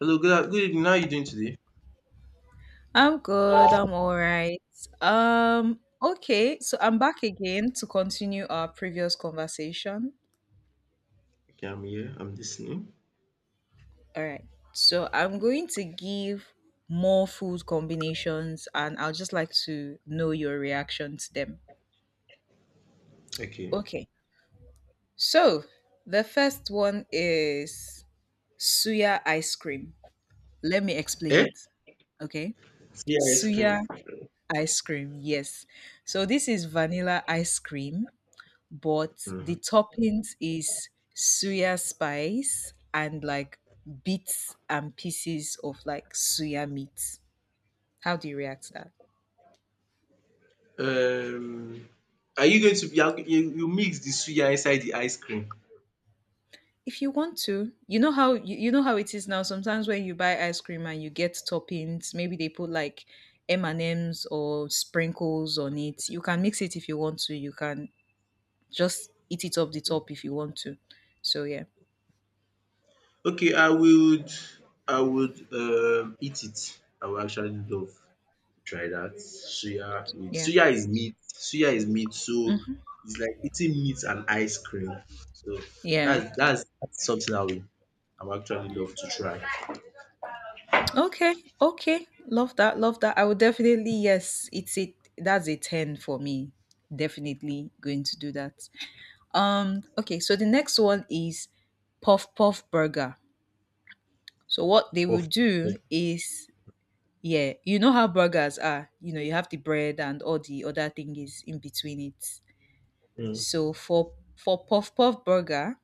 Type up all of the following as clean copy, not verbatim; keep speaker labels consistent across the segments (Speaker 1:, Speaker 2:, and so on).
Speaker 1: Hello, good evening. How are you doing today?
Speaker 2: I'm good. I'm all right. Okay, so I'm back again to continue our previous conversation.
Speaker 1: Okay, I'm here. I'm listening.
Speaker 2: All right. So I'm going to give more food combinations and I'll just like to know your reaction to them.
Speaker 1: Okay.
Speaker 2: Okay. So the first one is suya ice cream. Let me explain
Speaker 1: Eh?
Speaker 2: it. Okay.
Speaker 1: Yeah, ice cream.
Speaker 2: Suya ice cream. Yes. So this is vanilla ice cream but the
Speaker 1: Mhm.
Speaker 2: toppings is suya spice and like bits and pieces of like suya meat. How do you react to that?
Speaker 1: Um, are you going to you, are- you mix the suya inside the ice cream?
Speaker 2: If you want to, you know how it is now. Sometimes when you buy ice cream and you get toppings, maybe they put like M and M's or sprinkles on it. You can mix it if you want to. You can just eat it off the
Speaker 1: Okay.
Speaker 2: top if you want to. So yeah,
Speaker 1: Okay, I would I would eat it. I would actually love to try that suya. With,
Speaker 2: yeah,
Speaker 1: suya is meat. Suya is meat, so
Speaker 2: hmm,
Speaker 1: it's like eating meat and ice cream. So
Speaker 2: yeah.
Speaker 1: that's something I would actually love to try.
Speaker 2: Okay, okay. Love that. Love that. I would definitely, yes, it's it that's a 10 for me. Definitely going to do that. Okay, so the next one is puff puff burger. So what they will
Speaker 1: But
Speaker 2: do is, yeah, you know how burgers are. You know, you have the bread and all the other thing is in between it. So for puff puff burger,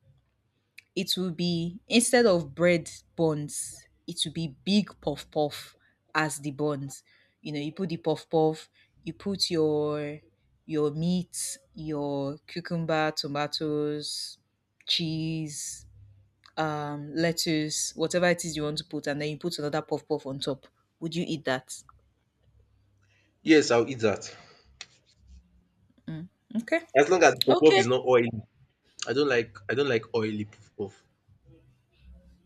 Speaker 2: it will be instead of bread buns, it will be big puff puff as the buns. You know, you put the puff puff, you put your meat, your cucumber, tomatoes, cheese, lettuce, whatever it is you want to put, and then you put another puff puff on top. Would you eat that?
Speaker 1: yes, I'll eat that.
Speaker 2: Mm, okay,
Speaker 1: As long as the puff puff is
Speaker 2: okay.
Speaker 1: not oily. I don't like oily puff puff.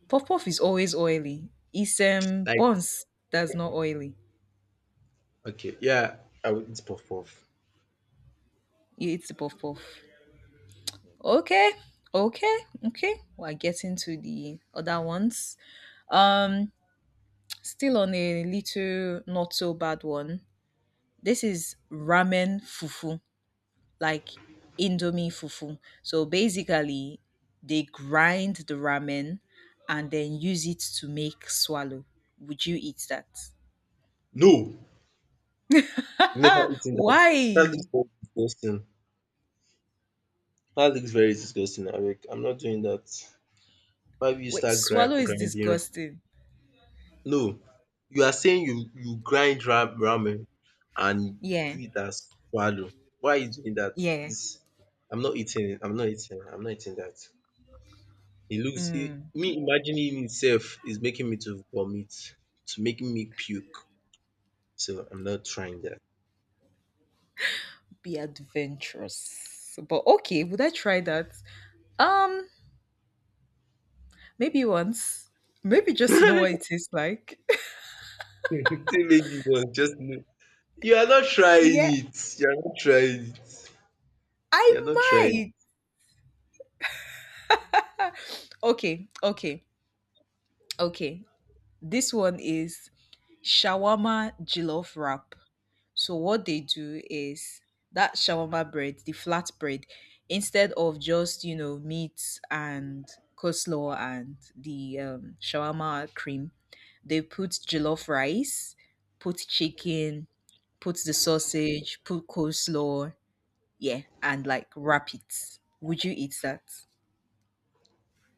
Speaker 2: Puff puff is always oily. It's
Speaker 1: Like
Speaker 2: buns that's not oily.
Speaker 1: okay, yeah, I will eat puff puff.
Speaker 2: You eat the puff puff. Okay, okay, okay. We're getting to the other ones. Um, still on a little not so bad one. This is ramen fufu, like Indomie fufu. So basically, they grind the ramen and then use it to make swallow. Would you eat that?
Speaker 1: No, never eating that. That looks
Speaker 2: Why?
Speaker 1: very disgusting. That looks very disgusting, Eric. I'm not doing that. Why will you
Speaker 2: Wait,
Speaker 1: start
Speaker 2: swallow is
Speaker 1: grinding?
Speaker 2: disgusting.
Speaker 1: No, you are saying you grind ramen and
Speaker 2: Yeah,
Speaker 1: do it as swallow. Why are you doing that?
Speaker 2: yeah.
Speaker 1: Please, I'm not eating. It. I'm not eating. I'm not eating that. He looks he
Speaker 2: Mm.
Speaker 1: me Imagining him is making me to vomit, to making me puke. So I'm not trying that.
Speaker 2: Be adventurous. But okay, would I try that? Um, maybe once. Maybe just to know what it tastes like.
Speaker 1: Wetin make you want just know you are not trying
Speaker 2: Yeah,
Speaker 1: it, you are not trying it, you are not
Speaker 2: I
Speaker 1: trying.
Speaker 2: might. Okay, okay, okay. This one is shawarma jollof wrap. So what they do is that shawarma bread, the flat bread, instead of just you know meat and coleslaw and the shawarma cream, they put jollof rice, put chicken, put the sausage, put coleslaw, yeah, and like wrap it. Would you eat that?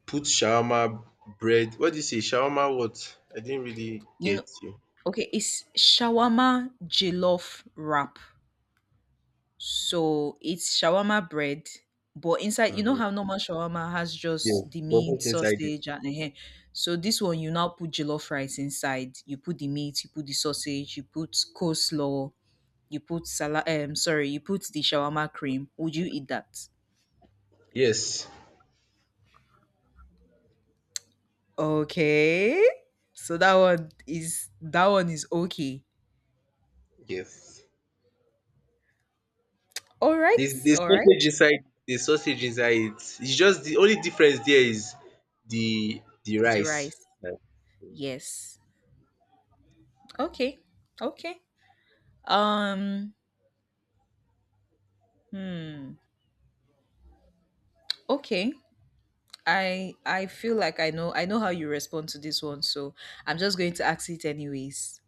Speaker 1: Put shawarma bread, what do you say? Shawarma what? I didn't really
Speaker 2: You know,
Speaker 1: get you.
Speaker 2: okay, it's shawarma jollof wrap. So it's shawarma bread, but inside, you know
Speaker 1: Mhm.
Speaker 2: how normal shawarma has
Speaker 1: Yes,
Speaker 2: just the
Speaker 1: but
Speaker 2: meat,
Speaker 1: what's inside it?
Speaker 2: sausage, and eh, eh. So this one, you now put jollof rice inside. You put the meat, you put the sausage, you put coleslaw, you put salad. Sorry, you put the shawarma cream. Would you eat that?
Speaker 1: Yes,
Speaker 2: Okay. So that one is okay.
Speaker 1: yes.
Speaker 2: All
Speaker 1: The
Speaker 2: right.
Speaker 1: the
Speaker 2: All right.
Speaker 1: sausage inside the sausage inside it is just the only difference there is the
Speaker 2: Is the
Speaker 1: rice.
Speaker 2: rice?
Speaker 1: Like,
Speaker 2: Yes. Okay. Okay. Um. Hmm. Okay. I feel like I know how you respond to this one, so I'm just going to ask it anyways.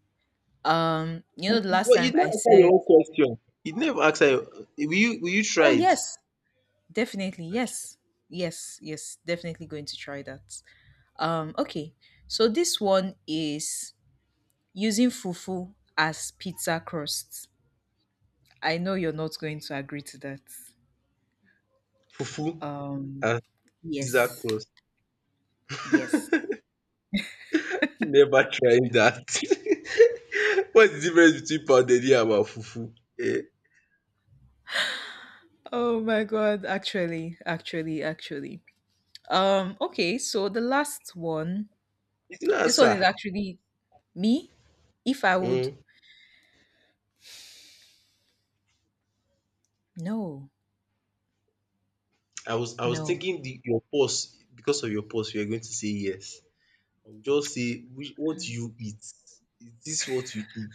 Speaker 2: You know, the last
Speaker 1: but you
Speaker 2: time I
Speaker 1: never answer your
Speaker 2: said,
Speaker 1: own question. You never answer your will you try
Speaker 2: oh
Speaker 1: it?
Speaker 2: yes, definitely
Speaker 1: Okay.
Speaker 2: yes, yes, yes, definitely going to try that. Okay. So this one is using fufu as pizza crust. I know you're not going to agree to that.
Speaker 1: Fufu
Speaker 2: Um,
Speaker 1: and pizza
Speaker 2: yes,
Speaker 1: crust.
Speaker 2: yes.
Speaker 1: Never tried that. What's the difference between pounded yam and fufu? Eh,
Speaker 2: Oh my God, actually. Okay, so the last one,
Speaker 1: you not
Speaker 2: this one is
Speaker 1: answer.
Speaker 2: actually me. If I would,
Speaker 1: Hmm.
Speaker 2: no,
Speaker 1: I was
Speaker 2: no,
Speaker 1: thinking the your pause, because of your pause you are going to say yes. Just say which what you eat, is this what you eat,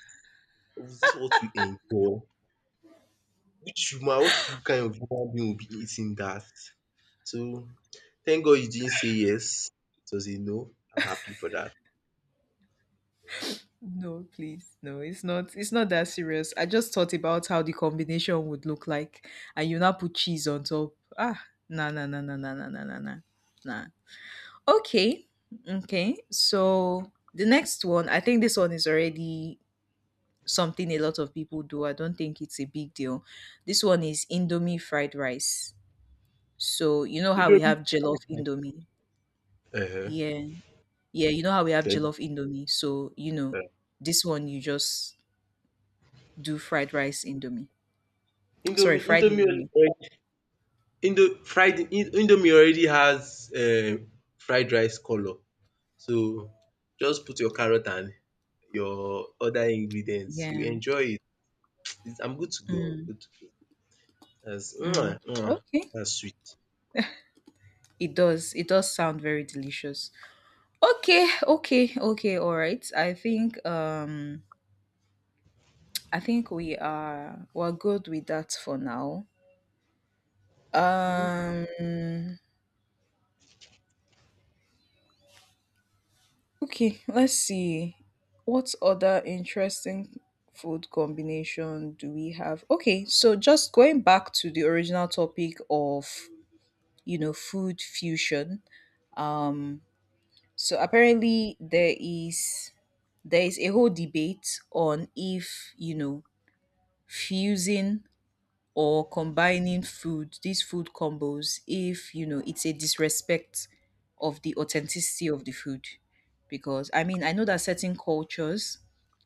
Speaker 1: is this what you enjoy, which human what you kind of human being will be eating that? So thank God you didn't say yes, it was a no, I'm happy for dat.
Speaker 2: no, please, no, it's not, that serious. I just thought about how the combination would look like, and you now put cheese on top. Ah, nah, nah, nah, nah, nah, nah, nah, nah, nah. Nah. Okay. Okay. So the next one, I think this one is already something a lot of people do. I don't think it's a big deal. This one is Indomie fried rice. So you know how we have
Speaker 1: Indomie
Speaker 2: jollof Indomie.
Speaker 1: um
Speaker 2: Yeah. Yeah, you know how we have
Speaker 1: then
Speaker 2: jollof Indomie. So, you know,
Speaker 1: um
Speaker 2: this one you just do fried rice Indomie. Sorry,
Speaker 1: Indomie
Speaker 2: fried Indomie.
Speaker 1: Indomie already has fried rice colour, so just put your carrot and your other ingredients, you
Speaker 2: Yeah.
Speaker 1: enjoy it. It's, I'm good to go, I'm
Speaker 2: Mm,
Speaker 1: good to go. Yes.
Speaker 2: mm.
Speaker 1: Mwah, mwah.
Speaker 2: Okay.
Speaker 1: That's sweet.
Speaker 2: It does. It does sound very delicious. Okay, okay, okay, all right. I think I think we're good with that for now. Um okay, let's see. What other interesting food combination do we have? Okay, so just going back to the original topic of, you know, food fusion. Um so apparently there is a whole debate on if, you know, fusing or combining food, these food combos, if you know it's a disrespect of the authenticity of the food. Because I mean, I know that certain cultures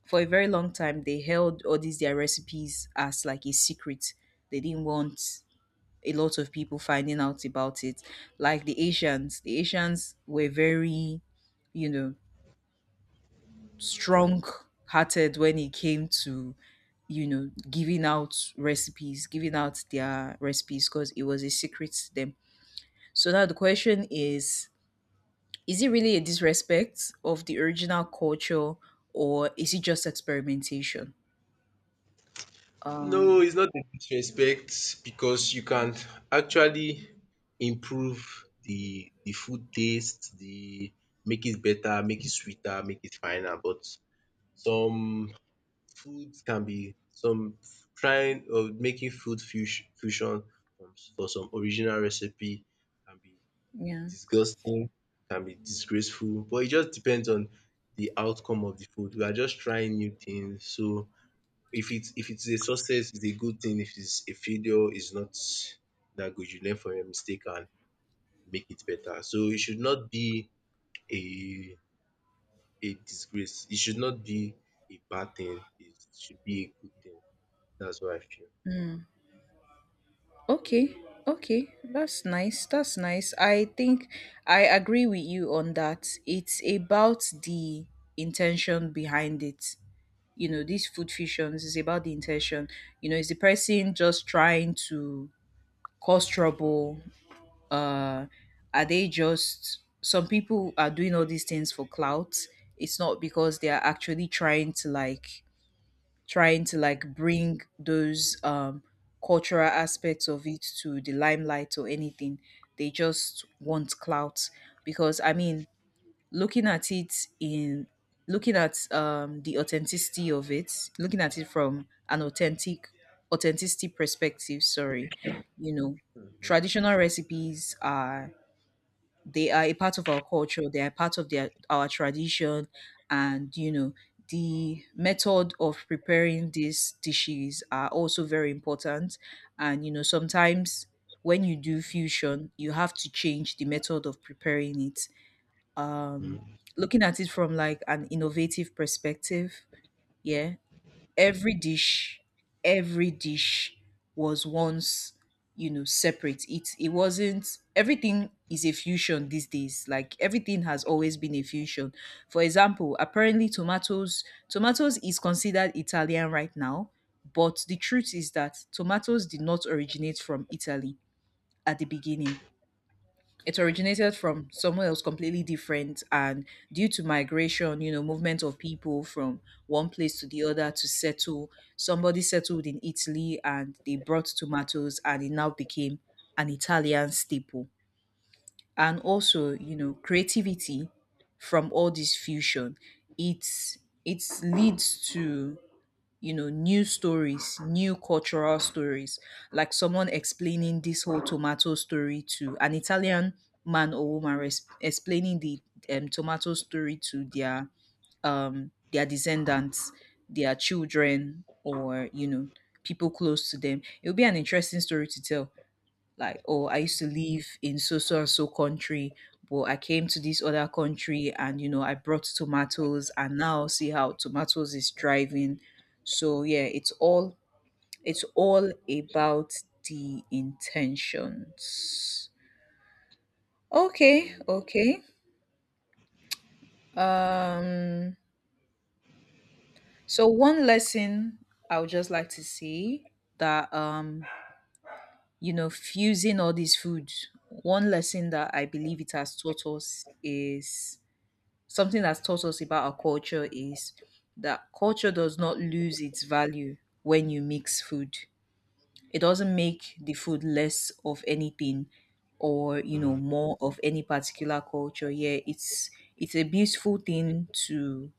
Speaker 2: for a very long time, they held all these their recipes as like a secret. They didn't want a lot of people finding out about it. Like the Asians were very, you know, strong hearted when it came to, you know, giving out recipes, giving out their recipes, because it was a secret to them. So now the question is it really a disrespect of the original culture, or is it just experimentation?
Speaker 1: No,
Speaker 2: um
Speaker 1: it's not a disrespect, because you can actually improve the food taste, the make it better, make it sweeter, make it finer. But some foods can be some trying or making food fusion from for some original recipe can be
Speaker 2: yeah.
Speaker 1: disgusting, can be disgraceful. But it just depends on the outcome of the food. We are just trying new things, so if it's a success, it's a good thing. If it's a failure, it's not that good. You learn from your mistake and make it better. So it should not be a a disgrace. It should not be a bad thing. It should be a good thing. That's what I feel.
Speaker 2: Okay, okay, that's nice, that's nice. I think I agree with you on that. It's about the intention behind it. You know, these food fictions is about the intention. You know, is the person just trying to cause trouble? uh are they just some people are doing all these things for clout. It's not because they are actually trying to like, bring those cultural aspects of it to the limelight or anything. They just want clout. Because I mean, looking at it in looking at the authenticity of it, looking at it from an authenticity perspective. Sorry, you know,
Speaker 1: Mhm,
Speaker 2: traditional recipes are they are a part of our culture. They are part of their our tradition, and you know the method of preparing these dishes are also very important. And you know sometimes when you do fusion, you have to change the method of preparing it. um
Speaker 1: mhm,
Speaker 2: looking at it from like an innovative perspective, yeah, every dish every dish was once, you know, separate. It wasn't, everything is a fusion these days. Like everything has always been a fusion. For example, apparently tomatoes is considered Italian right now. But the truth is that tomatoes did not originate from Italy. At the beginning it originated from somewhere else completely different, and due to migration, you know, movement of people from one place to the other to settle, somebody settled in Italy and they brought tomatoes and it now became an Italian staple. And also, you know, creativity from all this fusion, it's it leads to, you know, new stories, new cultural stories. Like someone explaining this whole tomato story to an Italian man or woman, explaining the tomato story to their descendants, their children, or you know, people close to them. It would be an interesting story to tell, like, oh, I used to live in so so and so country, but I came to this other country and you know I brought tomatoes and now see how tomatoes is driving. So yeah, it's all about the intentions. Okay,
Speaker 1: mhm,
Speaker 2: okay. um so one lesson I would just like to say, that you know, fusing all these foods, one lesson that I believe it has taught us is something that's taught us about our culture is that culture does not lose its value when you mix food. It doesn't make the food less of anything, or you know,
Speaker 1: mhm.
Speaker 2: more of any particular culture. Yeah, it's a beautiful thing to,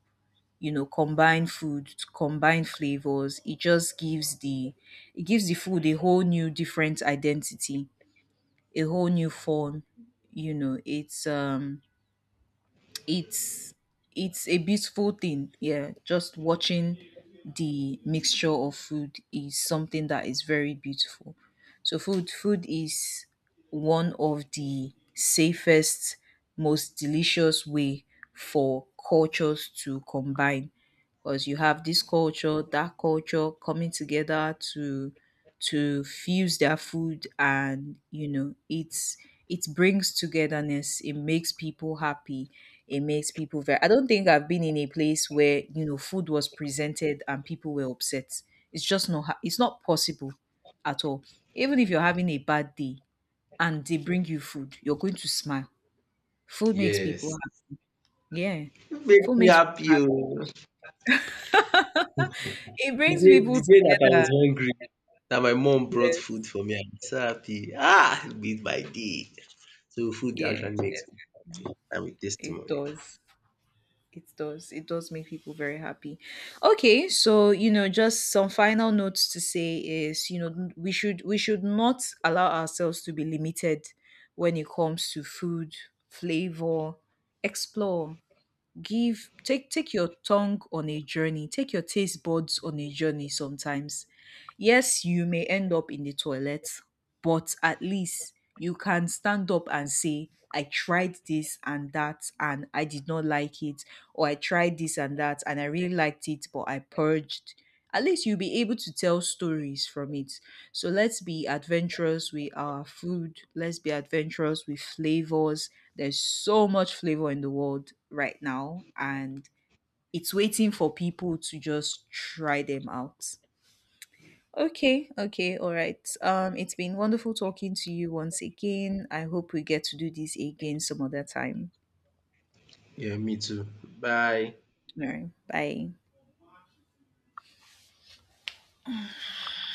Speaker 2: you know, combine food, to combine flavors. It just gives the food a whole new different identity, a whole new form. You know, it's it's a beautiful thing, yeah. Just watching the mixture of food is something that is very beautiful. So food is one of the safest, most delicious way for cultures to combine. Because you have this culture, that culture, coming together to fuse their food, and you know, it brings togetherness, it makes people happy, it makes people very. I don't think I've been in a place where you know food was presented and people were upset. It's just not. It's not possible at all. Even if you're having a bad day and they bring you food, you're going to smile. Food makes people
Speaker 1: Yes.
Speaker 2: happy. Yeah,
Speaker 1: It made
Speaker 2: food
Speaker 1: me
Speaker 2: makes.
Speaker 1: happy. Oh.
Speaker 2: It brings people
Speaker 1: The day that I
Speaker 2: together.
Speaker 1: was hungry, that my mom brought
Speaker 2: Yes.
Speaker 1: food for me, I was so happy. Ah, it made my day. So food
Speaker 2: Yeah.
Speaker 1: actually makes me. I'm a
Speaker 2: It
Speaker 1: testimony.
Speaker 2: does. It does. It does make people very happy. Okay, so you know, just some final notes to say is, you know, we should not allow ourselves to be limited when it comes to food, flavor. Explore. Give, take your tongue on a journey, take your taste buds on a journey sometimes. Yes, you may end up in the toilet, but at least you can stand up and say, I tried this and that, and I did not like it, or I tried this and that, and I really liked it, but I purged. At least you'll be able to tell stories from it. So let's be adventurous with our food, let's be adventurous with flavors. There's so much flavor in the world right now, and it's waiting for people to just try them out. Okay, okay, all right. It's been wonderful talking to you once again. I hope we get to do this again some other time.
Speaker 1: Yeah, me too. Bye.
Speaker 2: All right, bye.